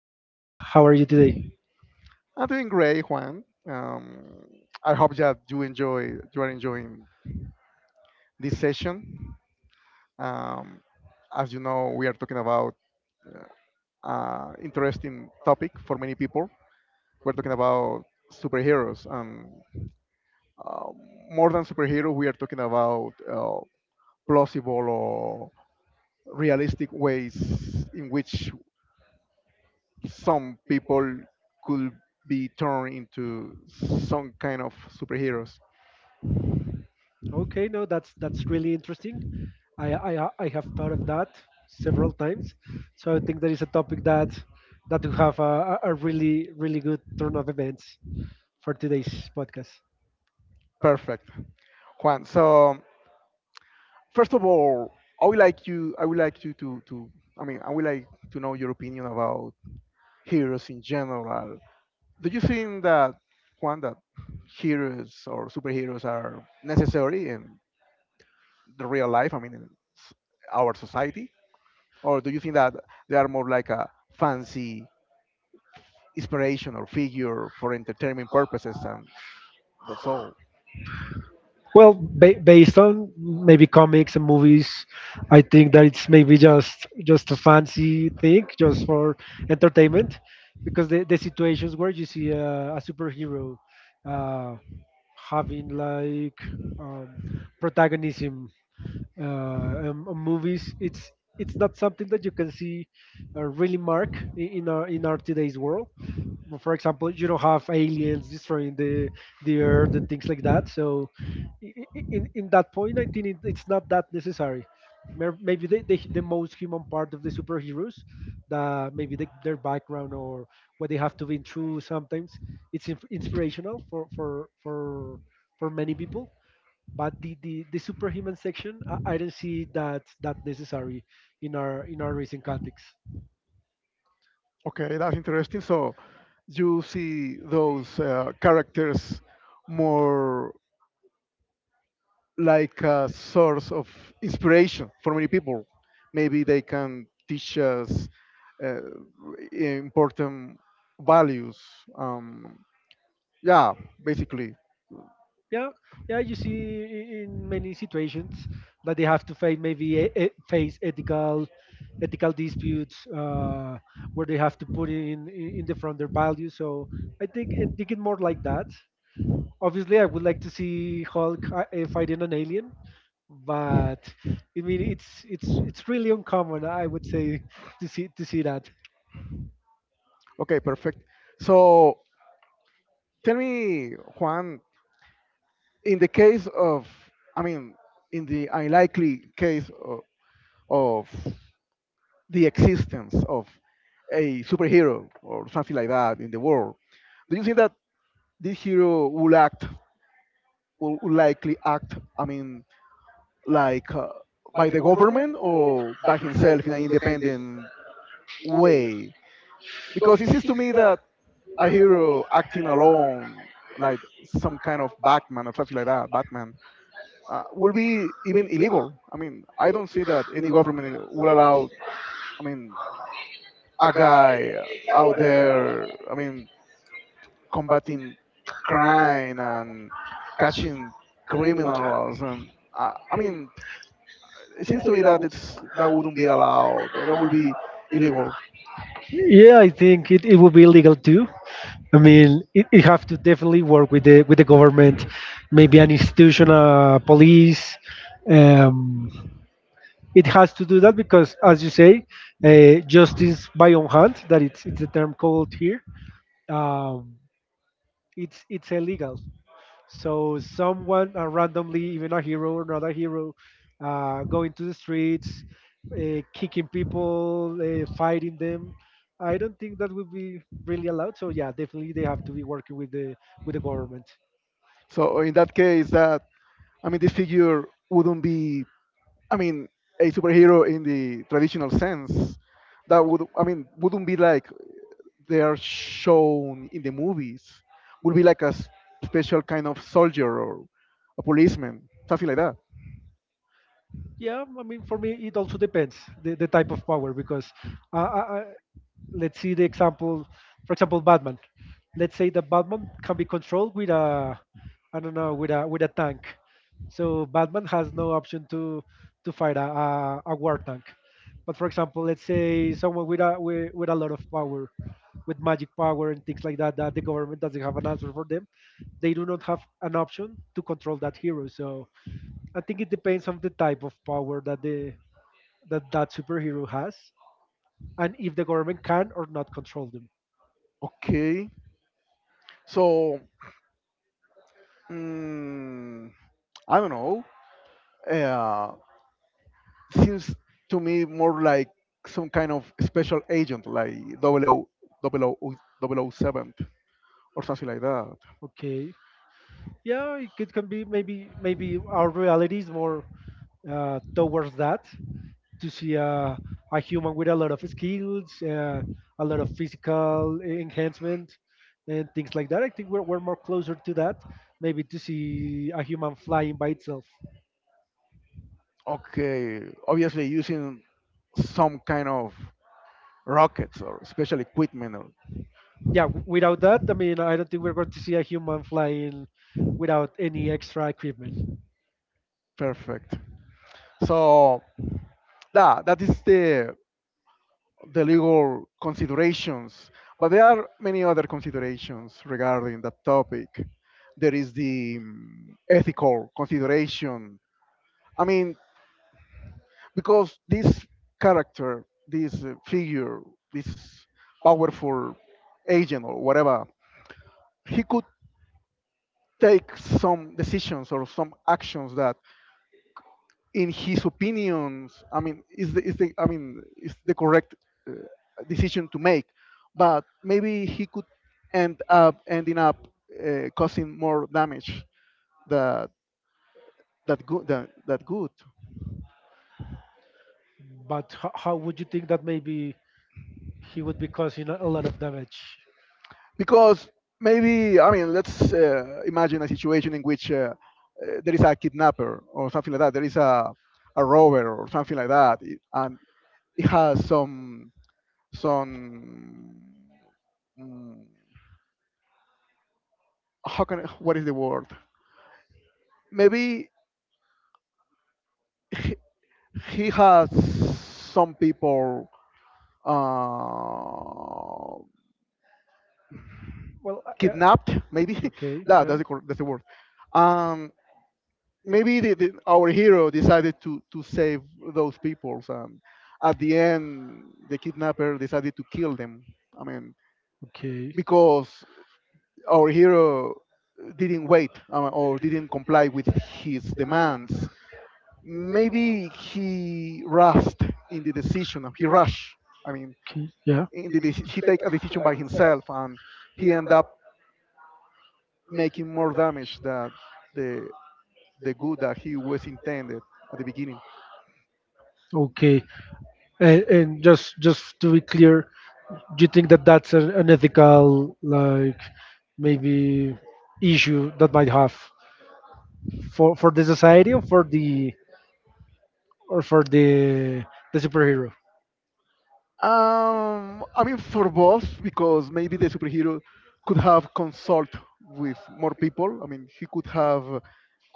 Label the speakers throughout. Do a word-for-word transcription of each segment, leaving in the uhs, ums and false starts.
Speaker 1: I'm great. How are you today?
Speaker 2: I'm doing great, Juan. Um, I hope that you enjoy you are enjoying this session. Um, as you know, we are talking about uh, interesting topic for many people. We're talking about superheroes. Um, um, More than superhero, we are talking about uh, plausible or realistic ways in which some people could be turned into some kind of superheroes.
Speaker 1: Okay, no, that's that's really interesting. I I ha- I have thought of that several times, so I think that is a topic that that will have a, a a really really good turn of events for today's podcast.
Speaker 2: Perfect, Juan. So first of all, I would like you. I would like you to to. I mean, I would like to know your opinion about heroes in general. Do you think that Juan that heroes or superheroes are necessary and the real life? I mean, in s- our society, or do you think that they are more like a fancy inspiration or figure for entertainment purposes, and that's all?
Speaker 1: Well, ba- based on maybe comics and movies, I think that it's maybe just just a fancy thing, just for entertainment, because the, the situations where you see a, a superhero, uh, having like um, protagonism uh, um, on movies. It's it's not something that you can see uh, really mark i- in our in our today's world. Well, for example, you don't have aliens destroying the the earth and things like that. So, i- i- in in that point, I think it, it's not that necessary. Mer- Maybe the, the the most human part of the superheroes, the maybe the, their background or what they have to been through sometimes, it's inf- inspirational for for for for many people. But the, the, the superhuman section, I, I don't see that that necessary in our in our recent context.
Speaker 2: Okay, that's interesting. So you see those uh, characters more like a source of inspiration for many people. Maybe they can teach us uh, important values. Um, yeah, basically.
Speaker 1: yeah yeah you see i- in many situations that they have to face maybe e- e- face ethical ethical disputes, uh, where they have to put in in in the front their values. So i think and think it more like that. Obviously I would like to see Hulk uh, uh, fighting an alien, but I mean it's it's it's really uncommon, I would say, to see to see that.
Speaker 2: Okay, perfect. So tell me, Juan, in the case of, I mean, in the unlikely case of, of the existence of a superhero or something like that in the world, do you think that this hero will act, will will likely act, I mean, like uh, by the government or by himself in an independent way? Because it seems to me that a hero acting alone, like some kind of Batman or something like that, Batman, uh, will be even illegal. I mean, I don't see that any government would allow. I mean, a guy out there. I mean, combating crime and catching criminals, and uh, I mean, it seems to me that it's that wouldn't be allowed. That would be illegal.
Speaker 1: Yeah, I think it, it would be illegal too. I mean, it, it have to definitely work with the with the government, maybe an institution, uh, police. Um, it has to do that because, as you say, uh, justice by own hand—that it's it's a term called here. Um, it's it's illegal. So someone uh, randomly, even a hero or not a hero, uh, going to the streets, uh, kicking people, uh, fighting them. I don't think that would be really allowed. So yeah, definitely they have to be working with the with the government.
Speaker 2: So in that case, that I mean, this figure wouldn't be, I mean, a superhero in the traditional sense. That would, I mean, wouldn't be like they are shown in the movies. Would be like a s- special kind of soldier or a policeman, something like that.
Speaker 1: Yeah, I mean for me it also depends the, the type of power, because uh, I, I, let's see the example. For example, Batman. Let's say that Batman can be controlled with a I don't know, with a with a tank. So Batman has no option to to fight a, a, a war tank. But for example, let's say someone with a with, with a lot of power, with magic power and things like that, that the government doesn't have an answer for them. They do not have an option to control that hero. So I think it depends on the type of power that the that that superhero has, and if the government can or not control them.
Speaker 2: Okay, so mm, I don't know. Uh, Seems to me more like some kind of special agent, like double o seven or something like that.
Speaker 1: Okay, yeah, it could can be. Maybe maybe our reality is more uh, towards that, to see uh, a human with a lot of skills, uh, a lot of physical e- enhancement and things like that. I think we're, we're more closer to that, maybe to see a human flying by itself.
Speaker 2: Okay, obviously using some kind of rockets or special equipment. Or,
Speaker 1: Yeah, w- without that, I mean, I don't think we're going to see a human flying without any extra equipment.
Speaker 2: perfect. So that that is the the legal considerations, but there are many other considerations regarding that topic. There is the mm, ethical consideration. I mean, because this character, this uh, figure, this powerful agent or whatever, he could take some decisions or some actions that, in his opinions, I mean, is the, is the I mean, is the correct uh, decision to make, but maybe he could end up ending up uh, causing more damage that that good that, that good.
Speaker 1: But h- how would you think that maybe he would be causing a a lot of damage?
Speaker 2: Because maybe I mean, let's uh, imagine a situation in which uh, uh, there is a kidnapper or something like that. There is a a rover or something like that, it- and it has some some mm, how can I- what is the word? Maybe he, he has some people uh,
Speaker 1: Well, I- uh,
Speaker 2: kidnapped. Maybe
Speaker 1: okay,
Speaker 2: that
Speaker 1: yeah,
Speaker 2: that's the cor- that's the word. Um, Maybe the, the, our hero decided to to save those people, and at the end the kidnapper decided to kill them. I mean,
Speaker 1: okay,
Speaker 2: because our hero didn't wait uh, or didn't comply with his demands. Maybe he rushed in the decision. He rushed. I mean,
Speaker 1: okay, yeah,
Speaker 2: in the, deci- he take a decision by himself and he end up making more damage than the the good that he was intended at the beginning.
Speaker 1: okay. And, and just just to be clear, do you think that that's an, an ethical like maybe issue that might have for for the society or for the or for the the superhero?
Speaker 2: Um, I mean, for both, because maybe the superhero could have consult with more people. I mean, he could have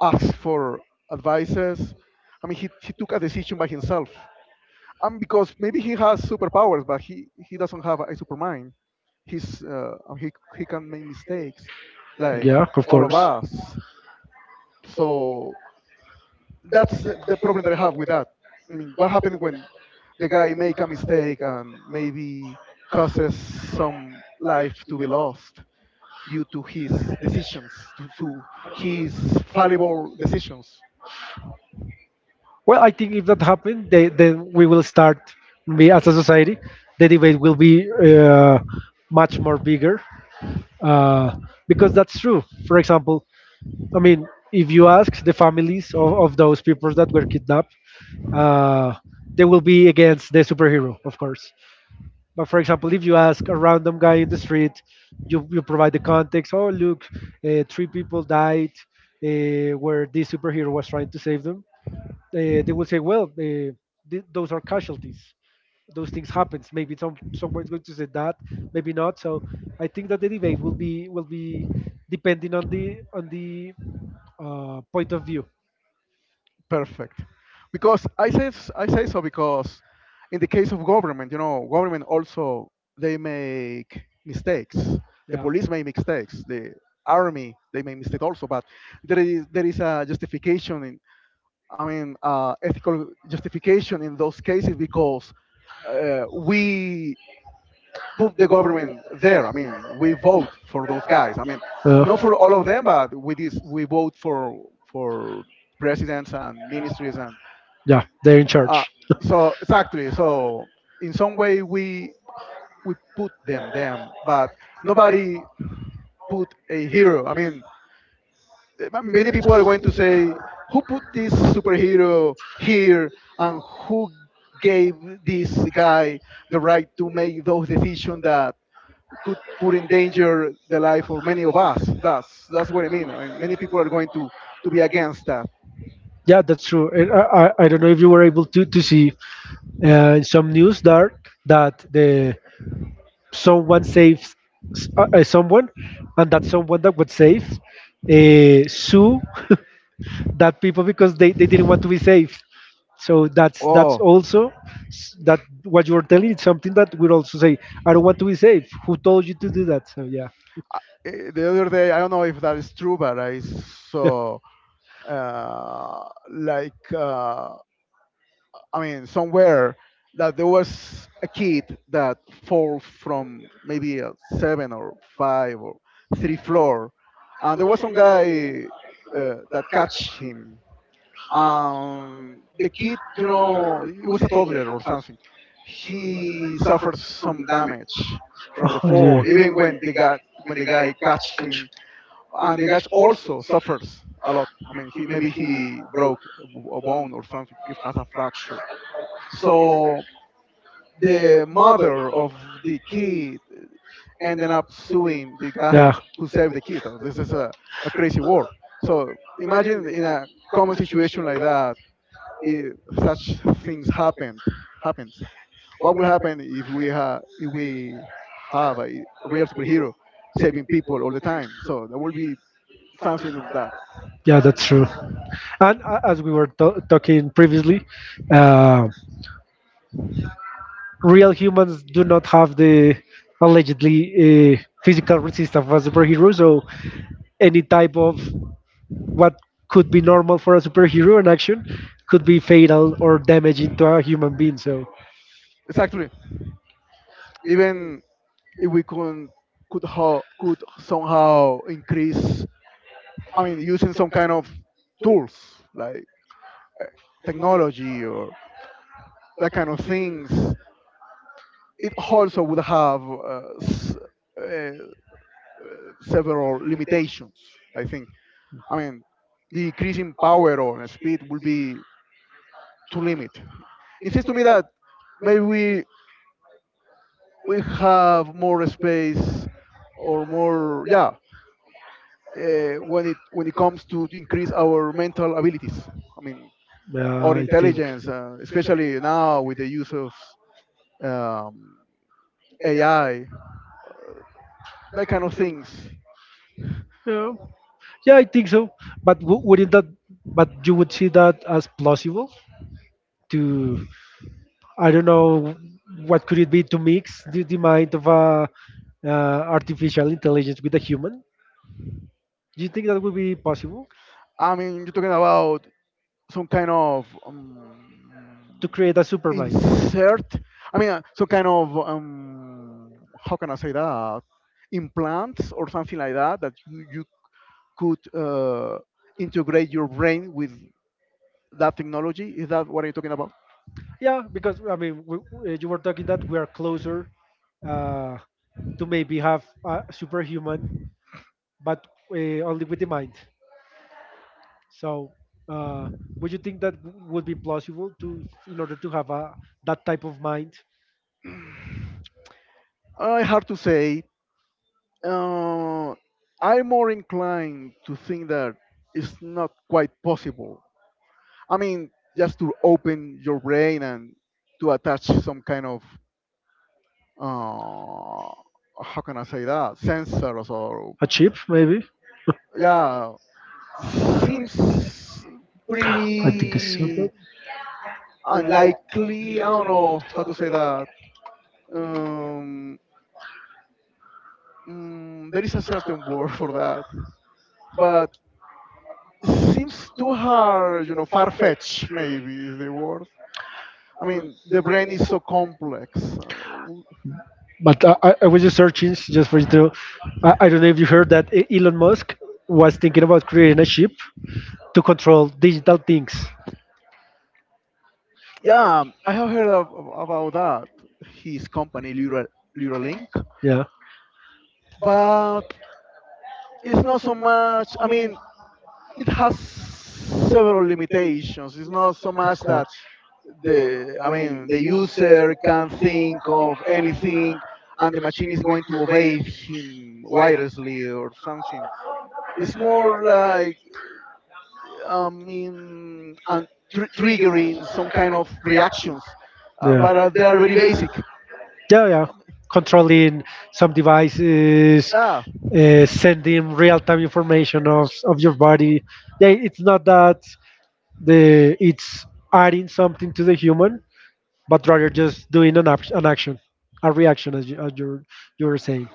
Speaker 2: asked for advices. I mean, he, he took a decision by himself. And because maybe he has superpowers, but he, he doesn't have a supermind. He's uh, he he can make mistakes, like
Speaker 1: Yeah, of
Speaker 2: all of
Speaker 1: course.
Speaker 2: us. So that's the the problem that I have with that. I mean, what happens when the guy make a mistake and maybe causes some life to be lost due to his decisions, to, to his fallible decisions?
Speaker 1: Well, I think if that happens, they, then we will start, we as a society, the debate will be uh, much more bigger. Uh, because that's true. For example, I mean, if you ask the families of, of those people that were kidnapped, uh, they will be against the superhero, of course. But for example, if you ask a random guy in the street, you, you provide the context. Oh, look, uh, three people died uh, where this superhero was trying to save them. Uh, they will say, well, uh, th- those are casualties. Those things happens. Maybe some someone's going to say that, maybe not. So I think that the debate will be will be depending on the on the uh, point of view.
Speaker 2: Perfect. Because I say s- I say so because in the case of government, you know, government also they make mistakes. The police make mistakes. The army they make mistakes also, but there is there is a justification in. I mean, uh, ethical justification in those cases because uh, we put the government there. I mean, we vote for those guys. I mean, not for all of them, but we did, we vote for for presidents and ministries and
Speaker 1: Yeah, they're in.
Speaker 2: uh,
Speaker 1: Uh,
Speaker 2: so exactly. So in some way, we we put them them, but nobody put a hero. I mean, eh, many people are going to say, who put this superhero here and who gave this guy the right to make those decisions that could put in danger the life of many of us? That's, that's what I mean. I mean. Many people are going to, to be against that.
Speaker 1: Yeah, that's true. And I, I I don't know if you were able to to see uh, some news there that the someone saves s- uh, uh, someone, and that someone that was saved uh, sue that people because they, they didn't want to be saved. So that's that's Oh,
Speaker 2: Oh,
Speaker 1: also, s- that what you were telling. It's something that we also say. I don't want to be saved. Who told you to do that? So yeah,
Speaker 2: eh, the other day, I don't know if that is true, but I saw uh, like. Uh, I mean, somewhere that there was a kid that fall from maybe a seven or five or three floor, and there was some guy uh, that catch him. Um, the kid, you know, it was a toddler or something. He suffered some damage from the fall, even when the guy when the guy catch him, and the guy also suffers a lot. I mean, he maybe he broke a bone or something. He has a fracture, so the mother of the kid ended up suing the guy who saved the kid. Oh, this is a, a crazy world. So imagine in a common situation like that, if such things happened happens. What will happen if we have if we have a real superhero saving people all the time? So there will be something like that.
Speaker 1: Yeah, that's true. And uh, as we were t- talking previously, uh, real humans do not have the allegedly uh, physical resistance of a superhero. So any type of what could be normal for a superhero in action could be fatal or damaging to a human being. So
Speaker 2: Exactly. Even if we could could ho- could somehow increase I mean, using some kind of tools like technology or that kind of things, it also would have uh, s- uh, several limitations. I think. I mean, the increasing power or speed will be too limit. It seems to me that maybe we we have more space or more yeah uh, when it when it comes to increase our mental abilities. I mean,
Speaker 1: uh,
Speaker 2: or
Speaker 1: I think,
Speaker 2: intelligence, uh, especially now with the use of um, A I, that kind of things.
Speaker 1: yeah, I think so. But w- wouldn't that? But you would see that as plausible to, I don't know, what could it be, to mix the, the mind of a uh, artificial intelligence with a human. Do you think that would be possible
Speaker 2: I mean, you're talking about some kind of
Speaker 1: to
Speaker 2: um,
Speaker 1: create a super mind?
Speaker 2: insert. I mean, uh, some kind of um, how can I say that implants or something like that that you, you could uh, integrate your brain with that technology. Is that what you're talking about?
Speaker 1: Yeah, because I mean, we, we- you were talking that we are closer uh, to maybe have a superhuman, but uh, only with the mind. So, uh, would you think that w- would be plausible to, in order to have a that type of mind,
Speaker 2: Uh, hard to say. Uh, I'm more inclined to think that it's not quite possible. I mean, just to open your brain and to attach some kind of uh, how can I say that sensors or
Speaker 1: a chip maybe?
Speaker 2: yeah, seems
Speaker 1: I think so.
Speaker 2: pretty unlikely. I don't know how to say that. Um, mm, there is a certain word for that, but it seems too hard. You know, far fetched maybe is the word. I mean, the brain is so complex. Uh,
Speaker 1: But I, I I was just searching just for you to. I, I don't know if you heard that E- Elon Musk was thinking about creating a chip to control digital things.
Speaker 2: Yeah, um, I have heard of, of- about that. His company, Lura, Luralink,
Speaker 1: Yeah,
Speaker 2: but it's not so much. I mean, it has several limitations. It's not so
Speaker 1: of
Speaker 2: much
Speaker 1: course.
Speaker 2: that the, I mean, the user can think of anything, and the machine is going to obey him wirelessly or something. It's more like, I mean, and tr- triggering some kind of reactions, uh,
Speaker 1: Yeah,
Speaker 2: but uh, they are very basic.
Speaker 1: yeah, yeah.
Speaker 2: Mami.
Speaker 1: Controlling some devices,
Speaker 2: Ah,
Speaker 1: uh, sending real-time information of of your body. Yeah, it's not that the it's adding something to the human, but rather just doing an, act- an action, a reaction, as you, as you you were saying.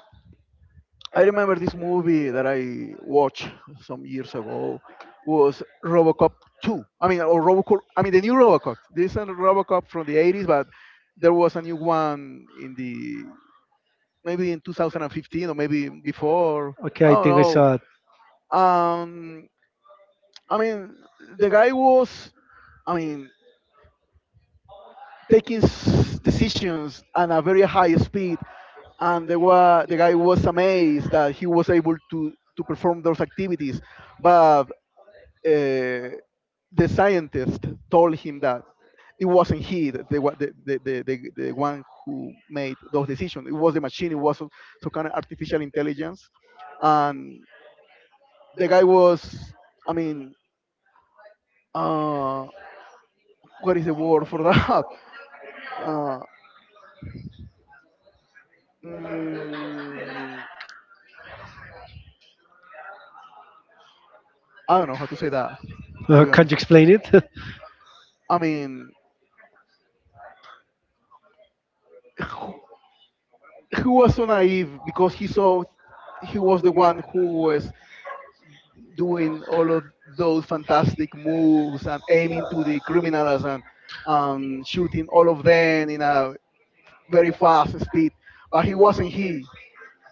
Speaker 2: I remember this movie that I watched some years ago was RoboCop two. I mean, or RoboCop. I mean, the new RoboCop. There isn't a RoboCop from the eighties, but there was a new one in the maybe in twenty fifteen or maybe before.
Speaker 1: Okay,
Speaker 2: I
Speaker 1: I
Speaker 2: don't
Speaker 1: think I
Speaker 2: know.
Speaker 1: saw it.
Speaker 2: Um, I mean, the guy was. I mean, taking s- decisions at a very high speed, and the, wa- the guy was amazed that he was able to, to perform those activities. But uh, the scientist told him that it wasn't he that the, wa- the, the, the, the, the one who made those decisions. It was the machine. It was some, some kind of artificial intelligence, and the guy was I mean uh, what is the word for that? uh, mm, I don't know how to say that, to
Speaker 1: Uh,
Speaker 2: be
Speaker 1: can you
Speaker 2: honest.
Speaker 1: explain it?
Speaker 2: I mean, who, who was so naive because he saw he was the one who was doing all of those fantastic moves and aiming to the criminals and um, shooting all of them in a very fast speed. But he wasn't he.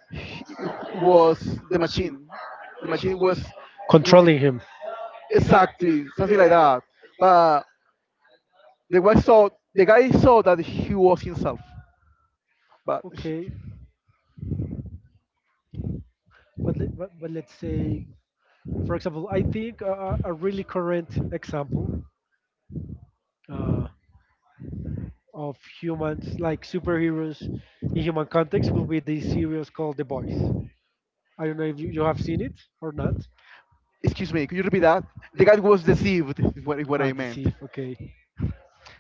Speaker 2: He was the machine. The machine was
Speaker 1: Controlling
Speaker 2: doing
Speaker 1: him.
Speaker 2: exactly something like that. But the guy saw the guy saw that he was himself. But sh-
Speaker 1: Okay, but, let, but but let's say, for example, I think a, a a really current example uh, of humans like superheroes in human context will be the series called The Boys. I don't know if you, you have seen it or not.
Speaker 2: excuse me, could you repeat that? The guy was deceived. Is what, is what I
Speaker 1: Ah,
Speaker 2: meant.
Speaker 1: deceive. Okay.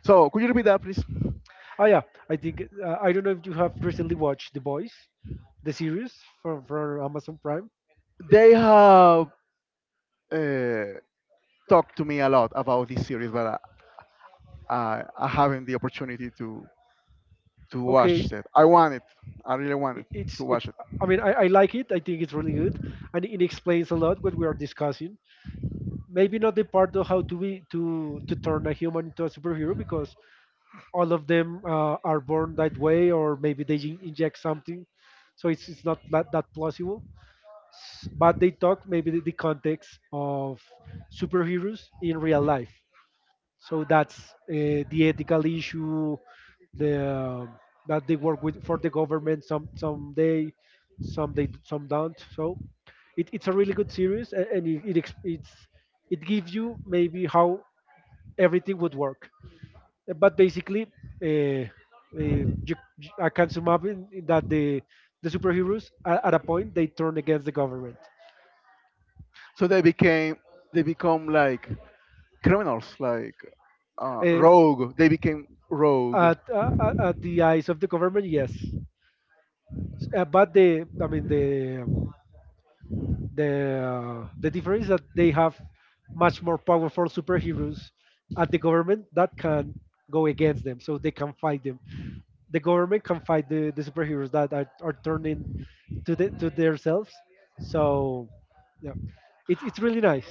Speaker 2: So could you repeat that, please?
Speaker 1: Oh yeah, I think uh, I don't know if you have recently watched The Boys, the series from from Amazon Prime.
Speaker 2: They have uh, talked to me a lot about this series, but I, I, I haven't the opportunity to to
Speaker 1: Okay,
Speaker 2: watch it. I want it. I really want
Speaker 1: it-
Speaker 2: it to
Speaker 1: it's
Speaker 2: watch
Speaker 1: it's.
Speaker 2: it.
Speaker 1: I mean, I, I like it. I think it's really good, and it explains a lot what we are discussing. Maybe not the part of how to be to to turn a human into a superhero, because all of them uh, are born that way, or maybe they in- inject something, so it's it's not that that plausible. S- But they talk maybe the, the context of superheroes in real life. So that's uh, the ethical issue the that they work with for the government. Some some they some they, some don't. So it, it's a really good series, a- and it, it ex- it's it gives you maybe how everything would work. Uh, But basically, uh, uh, you, you- I can sum up in, in that the the superheroes at, at a point they turn against the government.
Speaker 2: So they became they become like criminals, like uh,
Speaker 1: Uh,
Speaker 2: rogue. They became rogue.
Speaker 1: at, uh, uh, at the eyes of the government, yes. Uh, but the I mean the the uh, the difference is that they have much more powerful superheroes at the government that can go against them, so they can fight them. The government can fight the, the superheroes that are, are turning to the to themselves. So yeah, it's it's really nice.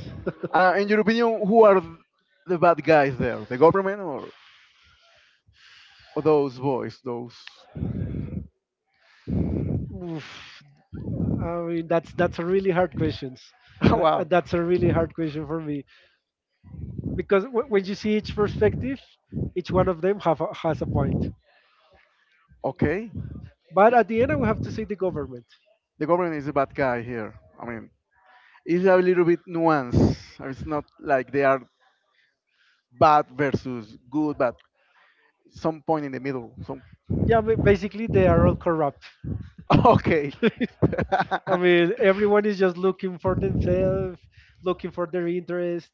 Speaker 2: Uh, in your opinion, who are th- the bad guys there? The government, or, or those boys? Those.
Speaker 1: Oof. I mean that's that's a really hard question. Uh, uh,
Speaker 2: Wow.
Speaker 1: that's a really hard question for me because w- when you see each perspective, each one of them have a, has a point.
Speaker 2: Okay.
Speaker 1: But at the end, I will have to say the government.
Speaker 2: The government is a bad guy here. I mean, it's a little bit nuanced. It's not like they are bad versus good, but some point in the middle. Some.
Speaker 1: Yeah, ba- basically, they are all corrupt.
Speaker 2: Okay.
Speaker 1: I mean, everyone is just looking for themselves, looking for their interest.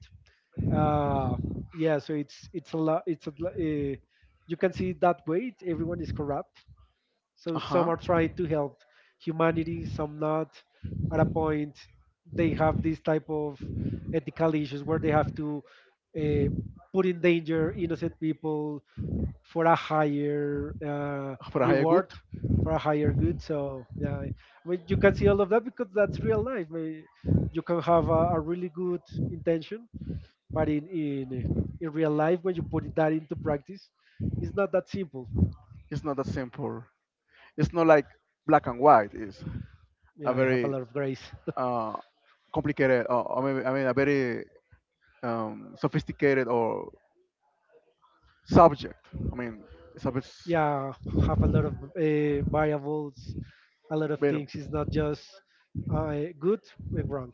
Speaker 1: Uh, yeah, so it's it's a lot. It's a, lo- eh, you can see it that way. It's, everyone is corrupt. So
Speaker 2: Uh
Speaker 1: some
Speaker 2: huh.
Speaker 1: are trying to help humanity, some not. At a point, they have this type of ethical issues where they have to uh, put in danger innocent people, for a higher uh,
Speaker 2: For a higher good.
Speaker 1: reward for a higher good. So yeah, I mean, you can see all of that because that's real life. May- you can have a, a really good intention, but in in in real life when you put that into practice it's not that simple.
Speaker 2: It's not that simple. It's not like black and white. It's a
Speaker 1: Yeah, I have a
Speaker 2: very
Speaker 1: lot of grace.
Speaker 2: uh, complicated, uh, I mean, I mean, a very um, sophisticated or subject. I mean, it's a bit s-
Speaker 1: Yeah, have a lot of uh, variables, a lot of
Speaker 2: better.
Speaker 1: things. It's not just uh, good and wrong.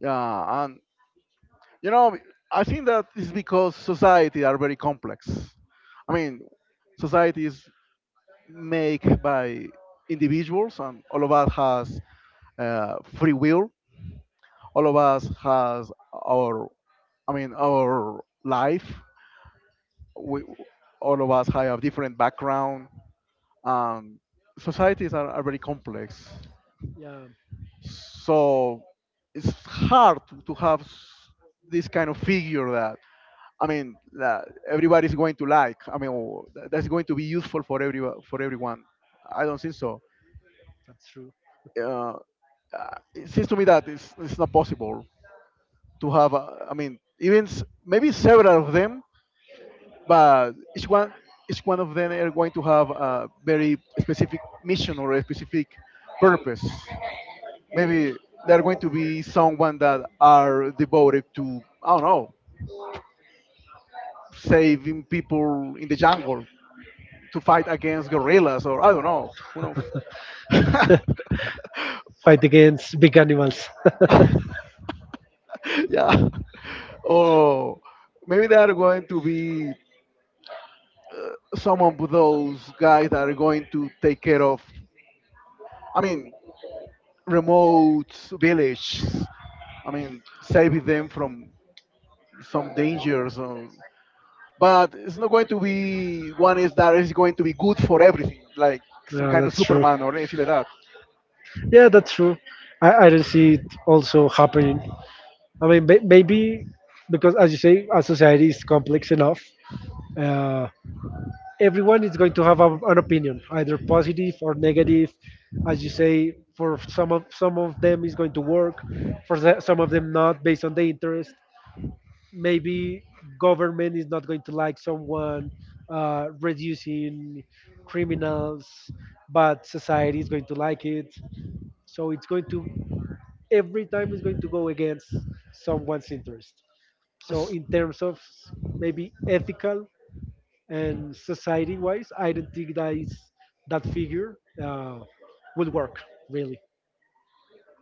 Speaker 2: Yeah, and you know, I think that is because society are very complex. I mean, society is make by individuals, and all of us has uh, free will. All of us has our, I mean, our life. We, all of us have different background. um, Societies are, are very complex,
Speaker 1: Yeah,
Speaker 2: so it's hard to, to have s- this kind of figure that, I mean, that everybody's going to like, I mean, or that- that's going to be useful for every, for everyone. I don't think so.
Speaker 1: that's true.
Speaker 2: uh, uh, it seems to me that it's, it's not possible to have. Uh, I mean, even s- maybe several of them, but each one, each one of them are going to have a very specific mission or a specific purpose. Maybe there are going to be someone that are devoted to, I don't know, saving people in the jungle to fight against gorillas, or I don't know, who knows.
Speaker 1: Fight against big animals.
Speaker 2: Yeah. Or maybe they are going to be some of those guys that are going to take care of, I mean, remote villages. I mean, saving them from some dangers. Or, but it's not going to be one is that is going to be good for everything, like some
Speaker 1: Yeah,
Speaker 2: kind of
Speaker 1: that's true.
Speaker 2: Superman or anything like that.
Speaker 1: Yeah, that's true. I, I don't see it also happening. I mean, may- maybe because, as you say, our society is complex enough. Uh, Everyone is going to have a, an opinion, either positive or negative. As you say, for some of some of them is going to work, for the- some of them not, based on the interest. Maybe government is not going to like someone uh, reducing criminals, but society is going to like it. So it's going to, every time it's going to go against someone's interest. So in terms of maybe ethical and society wise, I don't think that is, that figure uh, will work really.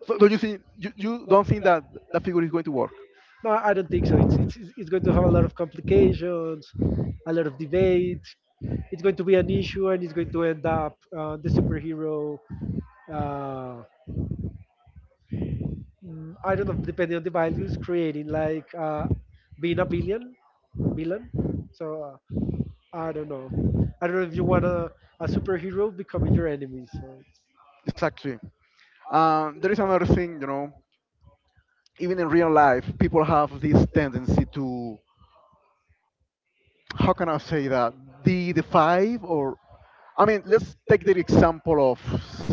Speaker 2: So do you think you, you don't think that that figure is going to work?
Speaker 1: No, I don't think so. It's it's it's going to have a lot of complications, a lot of debate. It's going to be an issue, and it's going to end up uh, the superhero. Uh, mm, I don't know, depending on the values, creating like uh, being a villain, villain. So uh, I don't know. I don't know if you want a, a superhero becoming your enemy. So it's
Speaker 2: Exactly. Um, there is another thing, you know, even in real life, people have this tendency to, how can I say that, the the five or, I mean, let's take the example of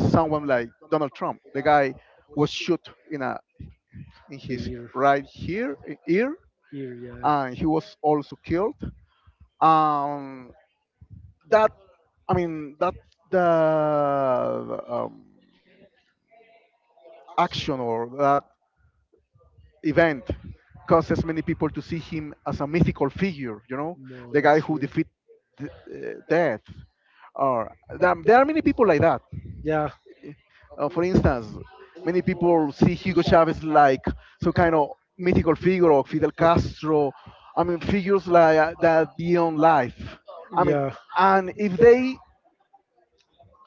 Speaker 2: someone like Donald Trump. The guy was shot in a in
Speaker 1: the
Speaker 2: his
Speaker 1: year,
Speaker 2: right here ear,
Speaker 1: year, yeah.
Speaker 2: and he was also killed. Um, that, I mean, that the um, action or that event causes many people to see him as a mythical figure. You know,
Speaker 1: No,
Speaker 2: the guy
Speaker 1: that's
Speaker 2: who
Speaker 1: true.
Speaker 2: defeat d- uh, death. Or there, there are many people like that.
Speaker 1: Yeah,
Speaker 2: Uh, for instance, many people see Hugo Chavez like some kind of mythical figure, or Fidel Castro. I mean, figures like uh, that beyond life. I mean,
Speaker 1: yeah,
Speaker 2: and if they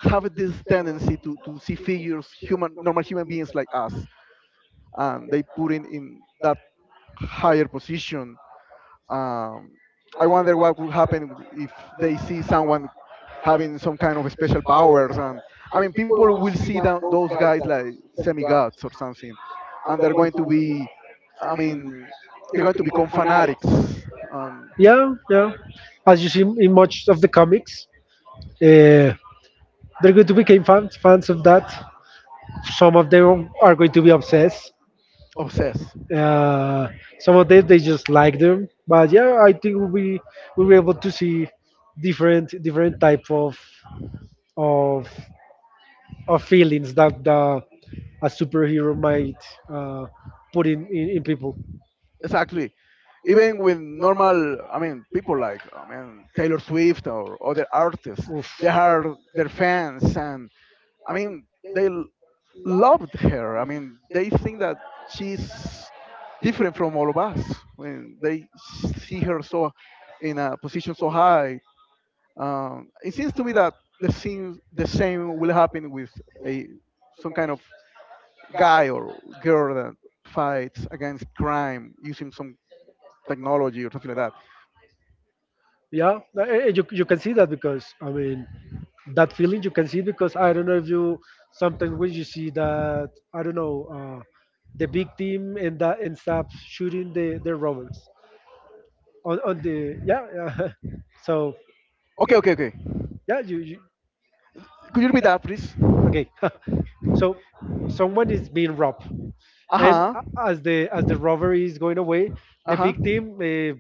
Speaker 2: have this tendency to, to see figures, human, normal human beings like us, and they put in in that higher position, um, I wonder what would happen if they see someone having some kind of special powers. And I mean, people will see tho- those guys like semi gods or something, and they're going to be, I mean, they're going to become fanatics, um,
Speaker 1: yeah, yeah. As you see in in much of the comics, uh, they're going to become fans fans of that. Some of them are going to be obsessed.
Speaker 2: obsessed.
Speaker 1: Uh, some of them they just like them. But yeah, I think we we were able to see different different type of of of feelings that the, a superhero might uh, put in, in in people.
Speaker 2: Exactly. Even with normal, I mean, people like, I mean, Taylor Swift or other artists, they are their fans, and I mean, they l- loved her. I mean, they think that she's different from all of us. I mean, they see her so in a position so high. Um, it seems to me that the same, the same will happen with a some kind of guy or girl that fights against crime using some technology or something like that.
Speaker 1: Yeah, eh, eh, you you can see that because I mean that feeling you can see because I don't know if you sometimes when you see that I don't know, uh, the big team and that ends up shooting the their robots on on the, yeah, yeah. So
Speaker 2: Okay, okay, okay.
Speaker 1: yeah, you, you.
Speaker 2: Could you repeat that, please?
Speaker 1: Okay. So someone is being robbed
Speaker 2: Uh
Speaker 1: and,
Speaker 2: huh.
Speaker 1: uh-huh, a- as the as the robbery is going away, the,
Speaker 2: Uh
Speaker 1: uh-huh,
Speaker 2: huh.
Speaker 1: big team uh,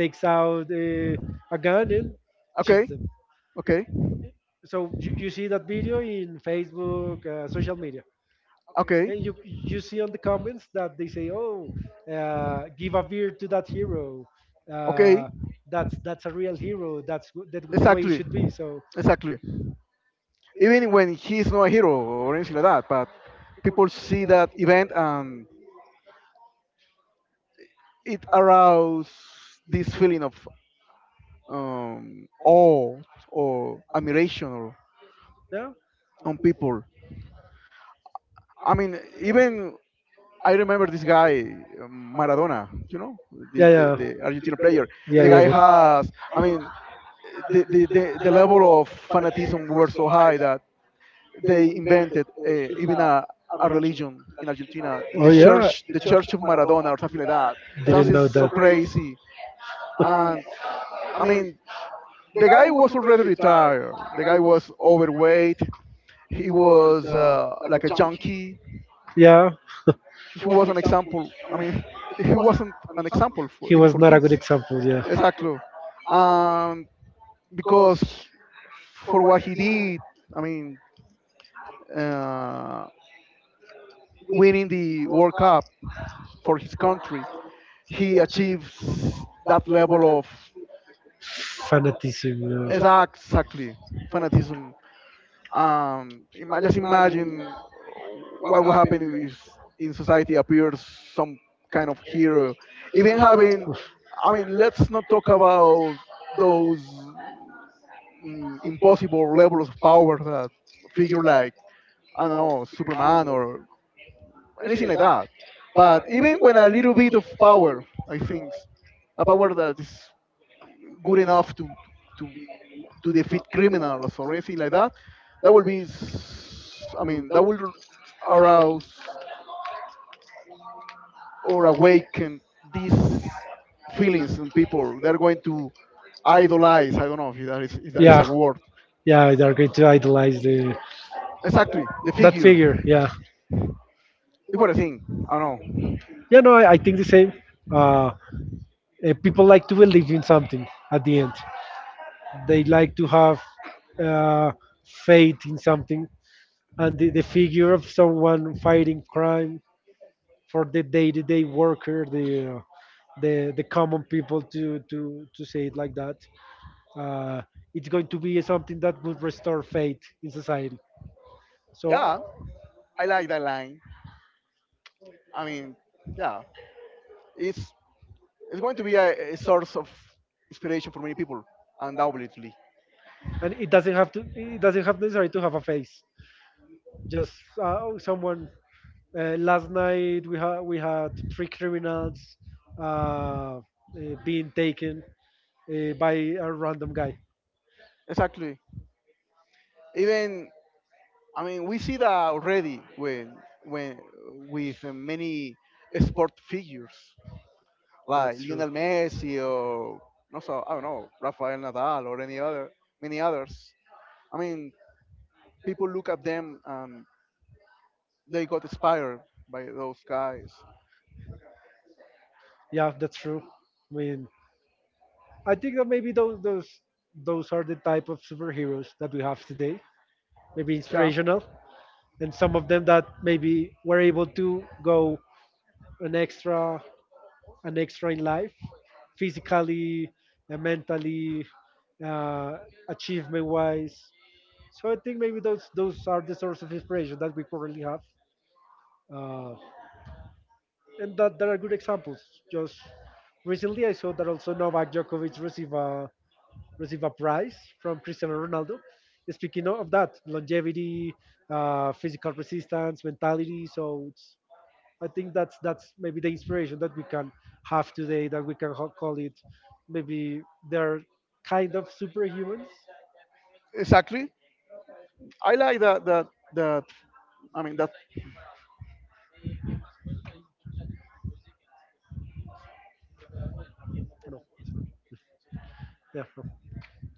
Speaker 1: takes out uh, a gun and shoots
Speaker 2: Okay,
Speaker 1: them.
Speaker 2: okay,
Speaker 1: So you, you see that video in Facebook, uh, social media,
Speaker 2: okay.
Speaker 1: and you you see on the comments that they say, "Oh, uh, give a beer to that hero.
Speaker 2: Okay.
Speaker 1: Uh, that's that's a real hero. That's w- that, the way it
Speaker 2: Exactly.
Speaker 1: should be." So
Speaker 2: Exactly. Even when he's not a hero or anything like that, but people see that event and it aroused this feeling of um, awe or admiration or,
Speaker 1: yeah,
Speaker 2: on people. I mean, even I remember this guy, um, Maradona. You know,
Speaker 1: yeah,
Speaker 2: this, the
Speaker 1: yeah,
Speaker 2: the Argentine player.
Speaker 1: yeah,
Speaker 2: The guy
Speaker 1: Diego.
Speaker 2: has. I mean, the the, the, the level of fanatism were so high that they invented uh, even a, a religion in Argentina,
Speaker 1: Oh
Speaker 2: the
Speaker 1: yeah,
Speaker 2: church, the Church of Maradona, or something like that. Sounds
Speaker 1: didn't
Speaker 2: is
Speaker 1: know
Speaker 2: so
Speaker 1: that.
Speaker 2: crazy. And I mean, the guy was already retired. The guy was overweight. He was uh, like a junkie.
Speaker 1: Yeah.
Speaker 2: He was an example. I mean, he wasn't an example for
Speaker 1: He
Speaker 2: even
Speaker 1: was
Speaker 2: for
Speaker 1: not a good
Speaker 2: kids.
Speaker 1: example, yeah.
Speaker 2: Exactly. And because he- for what he did, I mean, uh, winning the World Cup for his country, he achieves that level of
Speaker 1: Fanaticism.
Speaker 2: exactly fanatism. Um, ima- just imagine what would happen if in society appears some kind of hero. Even having, I mean, let's not talk about those mm, impossible levels of power that figure like, I don't know, Superman or anything like that. But even when a little bit of power, I think, a power that is good enough to to to defeat criminals or anything like that, that will be, s- I mean, that will arouse or awaken these feelings in people. They're going to idolize. I don't know if that is if that is
Speaker 1: Yeah. Yeah,
Speaker 2: a word.
Speaker 1: yeah, they're going to idolize the,
Speaker 2: Exactly, the
Speaker 1: that
Speaker 2: figure.
Speaker 1: figure, yeah.
Speaker 2: It's what I think. I don't
Speaker 1: Yeah, no, I, I think the same.
Speaker 2: know.
Speaker 1: Uh, eh, people like to believe in something at the end. They like to have uh, faith in something, and the, the figure of someone fighting crime for the day-to-day worker, the uh, the the common people to to to say it like that. Uh, it's going to be something that would restore faith in society. So, uh,
Speaker 2: Yeah, I like that line. I mean, yeah, it's it's going to be a, a source of inspiration for many people, undoubtedly.
Speaker 1: and it doesn't have to. It doesn't have necessarily to have a face. Just uh, someone. Uh, last night we had we had three criminals, uh, uh, being taken uh, by a random guy.
Speaker 2: Exactly. Even I mean, we see that already when when with uh, many sport figures like
Speaker 1: That's true.
Speaker 2: Lionel Messi or no, so I don't know, Rafael Nadal or any other, many others. I mean, people look at them and they got inspired by those guys.
Speaker 1: Yeah, that's true. I mean, I think that maybe those those those are the type of superheroes that we have today. Maybe inspirational, and some of them that maybe were able to go an extra, an extra in life, physically and mentally, uh, achievement wise. So I think maybe those those are the source of inspiration that we currently have, uh, and that there are good examples. Just recently, I saw that also Novak Djokovic received a receive a prize from Cristiano Ronaldo. Speaking of that, longevity, uh, physical resistance, mentality. So it's, I think that's that's maybe the inspiration that we can have today. That we can ho- call it maybe they're kind of superhumans.
Speaker 2: See it? Exactly. I like that. That. That. I mean that.
Speaker 1: Oh, no, I'm sorry. Yeah, no,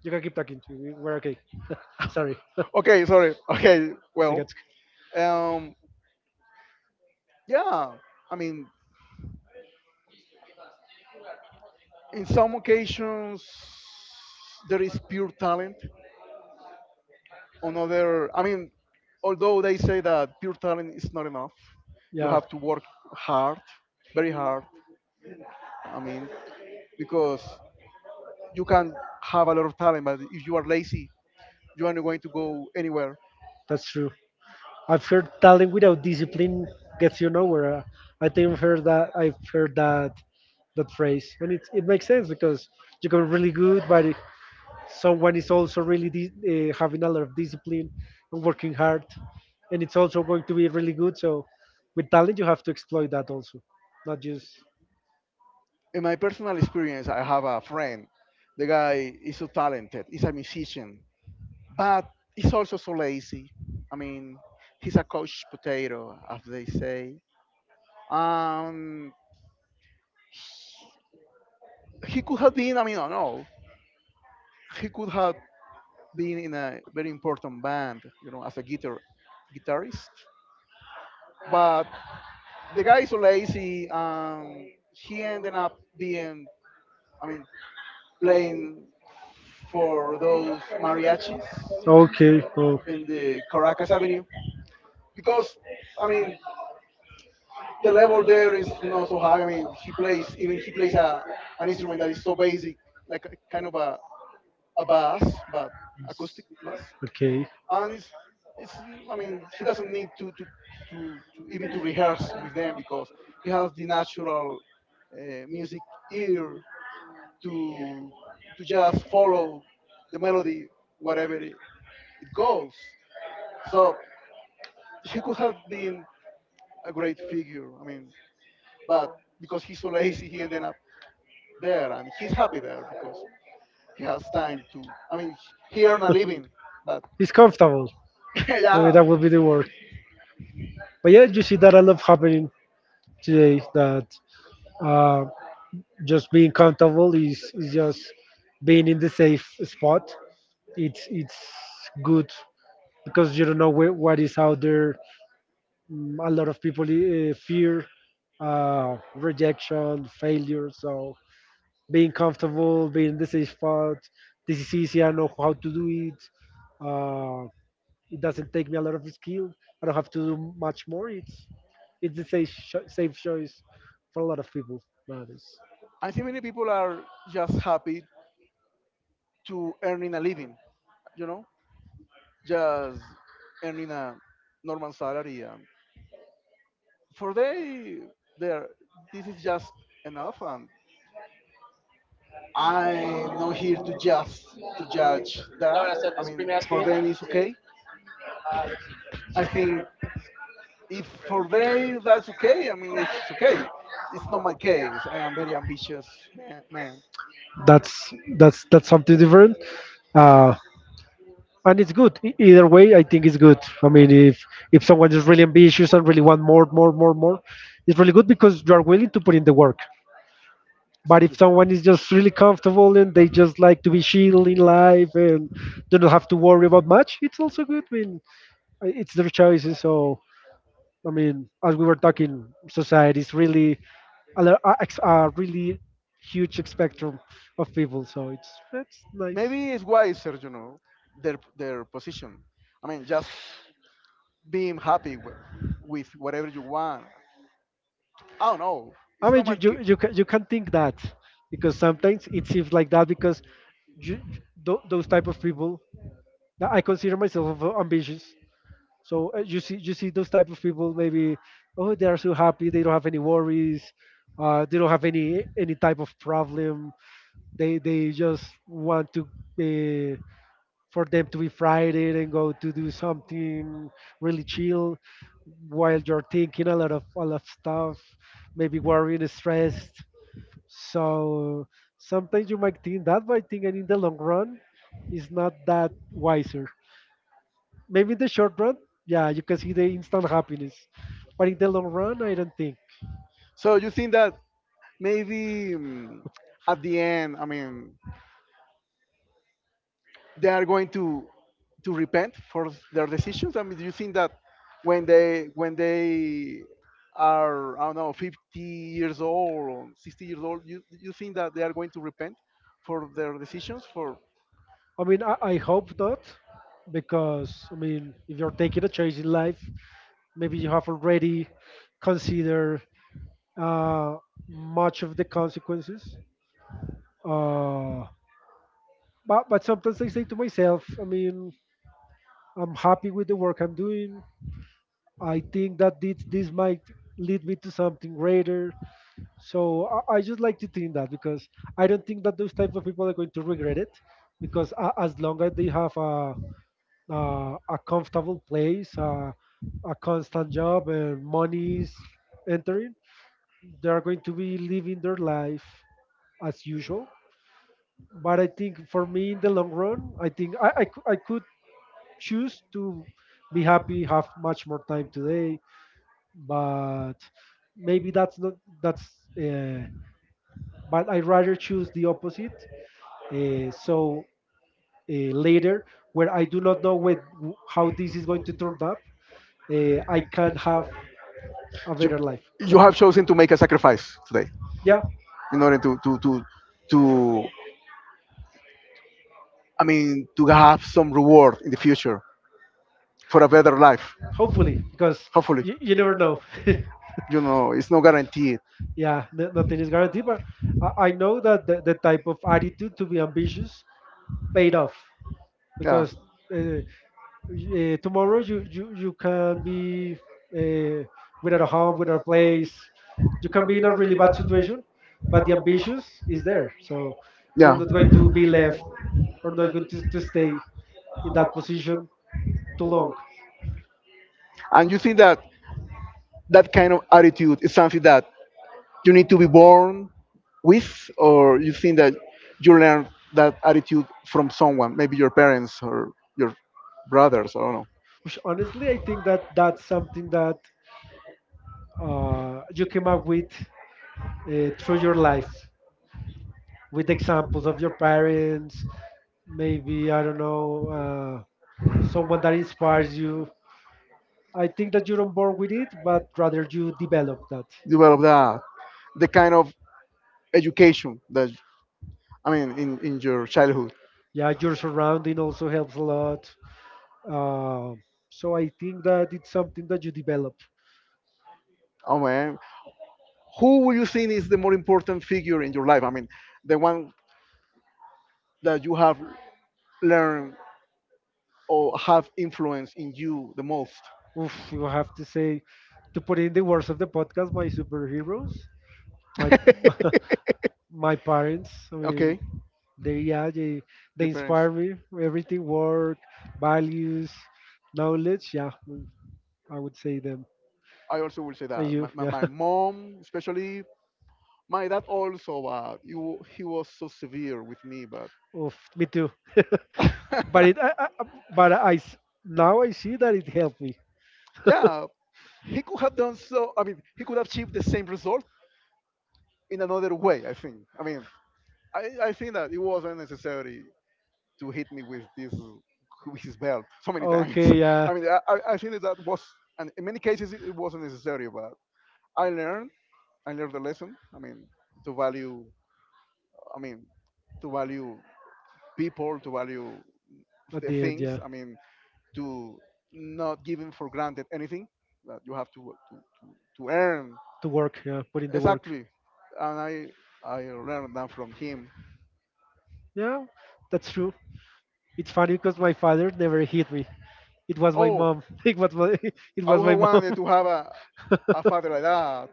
Speaker 1: you can keep talking. we- We're okay. Sorry.
Speaker 2: Okay. Sorry. Okay.
Speaker 1: I
Speaker 2: Well.
Speaker 1: got sc-
Speaker 2: Um. Yeah. I mean. In some occasions there is pure talent on other, I mean, although they say that pure talent is not enough, you
Speaker 1: yeah,
Speaker 2: have to work hard, very hard, I mean, because you can have a lot of talent, but if you are lazy you aren't going to go anywhere.
Speaker 1: that's true. I've heard talent without discipline gets you nowhere. Uh, I think I've heard that I've heard that that phrase, and it it makes sense because you can be really good, but if someone is also really di- uh, having a lot of discipline and working hard, and it's also going to be really good. So with talent, you have to exploit that also, not just
Speaker 2: In my personal experience, I have a friend, the guy is so talented, he's a musician, but he's also so lazy, I mean, he's a couch potato as they say. Um, he could have been, I mean, I don't know, he could have been in a very important band, you know, as a guitar guitarist. But the guy is so lazy. Um, he ended up being, I mean, playing for those mariachis
Speaker 1: okay, oh,
Speaker 2: in the Caracas Avenue, because, I mean, the level there is not so high. I mean, he plays even he plays a an instrument that is so basic, like a, kind of a a bass, but acoustic bass,
Speaker 1: okay,
Speaker 2: and it's it's. mm, I mean, he doesn't need to to to, to even to rehearse with them because he has the natural uh, music ear to to just follow the melody wherever it, it goes. So he could have been a great figure. I mean, but because he's so lazy, he ended up there, and he's happy there because he has time to. I mean, he earned a living, but
Speaker 1: it's comfortable. I
Speaker 2: yeah,
Speaker 1: that would be the word. But yeah, you see that a lot happening today that. Um, just being comfortable is, is just being in the safe spot. It's it's good because you don't know where, what is out there. Mm, a lot of people uh, fear uh, rejection, failure. So being comfortable, being in the safe spot, this is easy, I know how to do it. uh, it doesn't take me a lot of skill. I don't have to do much more. It's it's the safe, cho- safe choice for a lot of people nowadays.
Speaker 2: I think many people are just happy to earning a living, you know, just earning a normal salary. And for they, there, this is just enough. And I'm not here to just to judge that. I mean, for them it's okay. I think if for they that's okay. I mean, it's it's okay. It's not my case. I am very ambitious man. man.
Speaker 1: that's that's that's something different, uh, and it's good. E- either way, I think it's good. I mean, if if someone is really ambitious and really want more more more more, it's really good because you are willing to put in the work. But if
Speaker 2: Exactly.
Speaker 1: someone is just really comfortable and they just like to be chill in life and do not have to worry about much, it's also good. I mean, uh, it's their choices. So I mean, as we were talking, society is really a, lo- a, ex- a really huge spectrum of people. So it's it's nice.
Speaker 2: Maybe it's wiser, you know, their their position. I mean, just being happy with, with whatever you want. I don't know. It's
Speaker 1: I
Speaker 2: not
Speaker 1: mean, you
Speaker 2: my.
Speaker 1: you you can, you can think that because sometimes it seems like that because you, tho- those type of people, that I consider myself of- uh, ambitious. So uh, you see, you see those type of people maybe, oh, they are so
Speaker 2: ca-
Speaker 1: happy, they don't have any worries, uh, they don't have any any type of problem. They they just want to. For them to be Friday and go to do something really chill while you're thinking a lot of, a lot of stuff, maybe worrying, and stressed. So sometimes you might think that, but I think in the long run, it's not that wiser. Maybe in the short run, yeah, you can see the instant happiness, but in the long run, I don't think.
Speaker 2: So you think that maybe mm, at the end, I mean, they are going to to repent for their decisions. I mean, do you think that when they when they are, I don't know, fifty years old or sixty years old, you you think that they are going to repent for their decisions for?
Speaker 1: I mean, I, I hope not, because I mean, if you're taking a choice in life, maybe you have already considered uh, much of the consequences. Uh, but but sometimes I say to myself, I mean, I'm happy with the work I'm doing. I think that this this might lead me to something greater. So I, I just like to think that because I don't think that those type of people are going to regret it, because a, as long as they have a a, a comfortable place, a, a constant job, and money is entering, they are going to be living their life as usual. But I think for me in the long run, I think I, I, cou- I could choose to be happy, have much more time today, but maybe that's not that's. Uh, but I rather choose the opposite. Uh, so uh, later, where I do not know when, how this is going to turn up, uh, I can have a better life.
Speaker 2: You have chosen to make a sacrifice today
Speaker 1: Yeah,
Speaker 2: in order to to to to I mean to have some reward in the future for a better life.
Speaker 1: hopefully, because
Speaker 2: Hopefully,
Speaker 1: you, you never know.
Speaker 2: you know it's not guaranteed.
Speaker 1: Yeah, no, nothing is guaranteed, but I, I know that the, the type of attitude to be ambitious paid off.
Speaker 2: Yeah,
Speaker 1: Because uh, uh, tomorrow you, you, you can be uh, without a home, without a place. You can be in a really bad situation, but the ambition is there. So you're
Speaker 2: yeah.
Speaker 1: not going to be left or not going to, to stay in that position too long.
Speaker 2: And you think that that kind of attitude is something that you need to be born with, or you think that you learn that attitude from someone, maybe your parents or your brothers, I don't know.
Speaker 1: Which honestly, I think that that's something that uh, you came up with uh, through your life, with examples of your parents, maybe, I don't know, uh, someone that inspires you. I think that you're on board with it, but rather you develop that.
Speaker 2: Develop that, the kind of education that, I mean, in, in your childhood.
Speaker 1: Yeah, your surrounding also helps a lot. Uh, so I think that it's something that you develop.
Speaker 2: Oh man, who would you think is the more important figure in your life? I mean, the one that you have learned or have influence in you the most.
Speaker 1: Oof, you have to say, to put in the words of the podcast, my superheroes, my my parents. I mean,
Speaker 2: Okay,
Speaker 1: they, yeah, they they
Speaker 2: the parents.
Speaker 1: inspire me. Everything, work, values, knowledge. Yeah, I would say them.
Speaker 2: I also will say
Speaker 1: And
Speaker 2: that
Speaker 1: you,
Speaker 2: my, my,
Speaker 1: yeah.
Speaker 2: my mom, especially my dad, also. Uh, he, he was so severe with me, but
Speaker 1: Oof, me too. But it I, I, but I s- now I see that it helped me.
Speaker 2: yeah, he could have done so. I mean, he could have achieved the same result in another way. I think. I mean, I, I think that it was unnecessary to hit me with this with his belt so many times.
Speaker 1: Okay, yeah.
Speaker 2: I mean, I, I I think that, that was, and in many cases, it wasn't necessary. But I learned, I learned the lesson. I mean, to value. I mean, to value people, to value
Speaker 1: At
Speaker 2: the
Speaker 1: the end, yeah.
Speaker 2: things. I mean, to not giving for granted anything that you have to to, to, to earn.
Speaker 1: To work, yeah. Put in the work.
Speaker 2: Exactly, and I I learned that from him.
Speaker 1: Yeah, that's true. It's funny because my father never hit me. It was my
Speaker 2: Oh,
Speaker 1: mom. It was my it
Speaker 2: I
Speaker 1: was
Speaker 2: would
Speaker 1: my
Speaker 2: have
Speaker 1: mom.
Speaker 2: wanted to have a a father like that.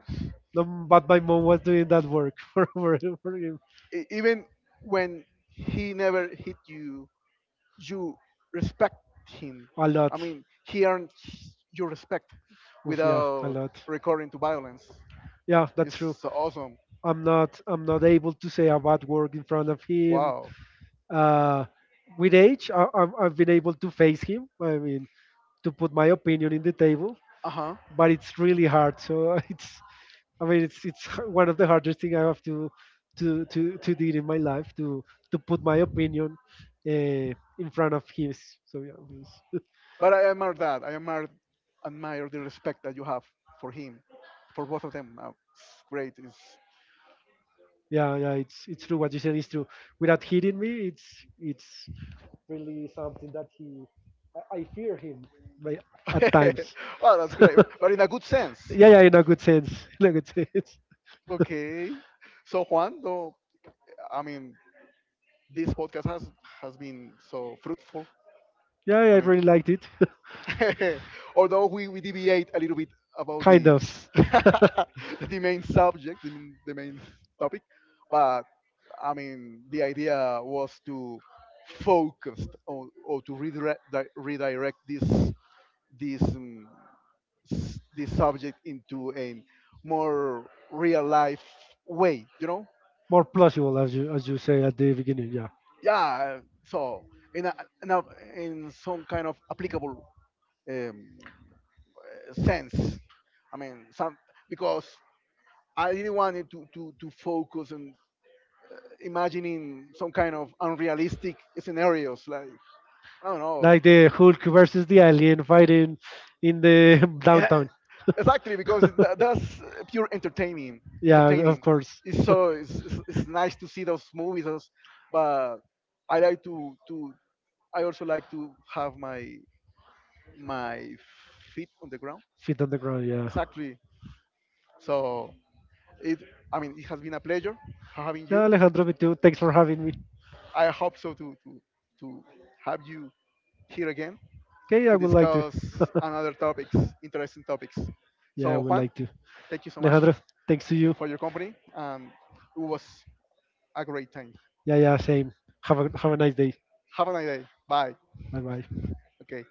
Speaker 1: No, but my mom was doing that work for, for, for him
Speaker 2: E- Even when he never hit you, you respect him.
Speaker 1: a
Speaker 2: I
Speaker 1: lot.
Speaker 2: mean, he earned your respect
Speaker 1: Oof, yeah, a
Speaker 2: without
Speaker 1: lot.
Speaker 2: recurring to violence.
Speaker 1: Yeah, that's true.
Speaker 2: It's awesome.
Speaker 1: I'm not I'm not able to say a bad word in front of him.
Speaker 2: Wow.
Speaker 1: Uh, with age, I, I've, I've been able to face him. I mean, to put my opinion in the table,
Speaker 2: Uh huh.
Speaker 1: but it's really hard. So it's, I mean, it's it's h- one of the hardest thing I have to to to to do in my life to to put my opinion uh, in front of his. So yeah, it's,
Speaker 2: But I admire that. I admire admire the respect that you have for him, for both of them. Uh, It's great. It's
Speaker 1: yeah, yeah. It's it's true. What you said is true. Without hitting me, it's it's really something that he. I, I fear him like, at times.
Speaker 2: well, that's great. But in a good sense.
Speaker 1: Yeah, yeah. In a good sense. In a good sense.
Speaker 2: Okay. So Juan, though, I mean, this podcast has has been so fruitful.
Speaker 1: Yeah, yeah,
Speaker 2: I
Speaker 1: I
Speaker 2: mean.
Speaker 1: really liked it.
Speaker 2: Although we, we deviate a little bit about
Speaker 1: Kind
Speaker 2: the
Speaker 1: of
Speaker 2: the main subject, the, main- the main topic, but I mean the idea was to focus on or to redirect di- redirect this this um, s- this subject into a more real life way, you know?
Speaker 1: more plausible as you as you say at the beginning. Yeah.
Speaker 2: Yeah. So in a, in, a, in some kind of applicable um, sense. I mean, some because I didn't want it to, to, to focus on imagining some kind of unrealistic scenarios. Like I don't know,
Speaker 1: Like the Hulk versus the alien fighting in the
Speaker 2: yeah,
Speaker 1: downtown.
Speaker 2: exactly because it, that's pure entertaining.
Speaker 1: Yeah, of
Speaker 2: Entertaining.
Speaker 1: course.
Speaker 2: It's so it's, it's, it's nice to see those movies, those, but I like to to I also like to have my my feet on the ground.
Speaker 1: Feet on the ground. Yeah.
Speaker 2: Exactly. So it I mean it has been a pleasure having
Speaker 1: Yeah,
Speaker 2: you.
Speaker 1: Alejandro, me too. Thanks for having me.
Speaker 2: I hope so to, to, to have you here again
Speaker 1: Okay, I
Speaker 2: to
Speaker 1: would like to.
Speaker 2: discuss another topics, interesting topics.
Speaker 1: yeah, I
Speaker 2: So
Speaker 1: would
Speaker 2: Juan,
Speaker 1: like to.
Speaker 2: thank you so much
Speaker 1: Alejandro, thanks to you.
Speaker 2: for your company and it was a great time.
Speaker 1: Yeah, yeah, same. Have a have a nice day.
Speaker 2: Have a nice day. Bye.
Speaker 1: Bye bye.
Speaker 2: Okay.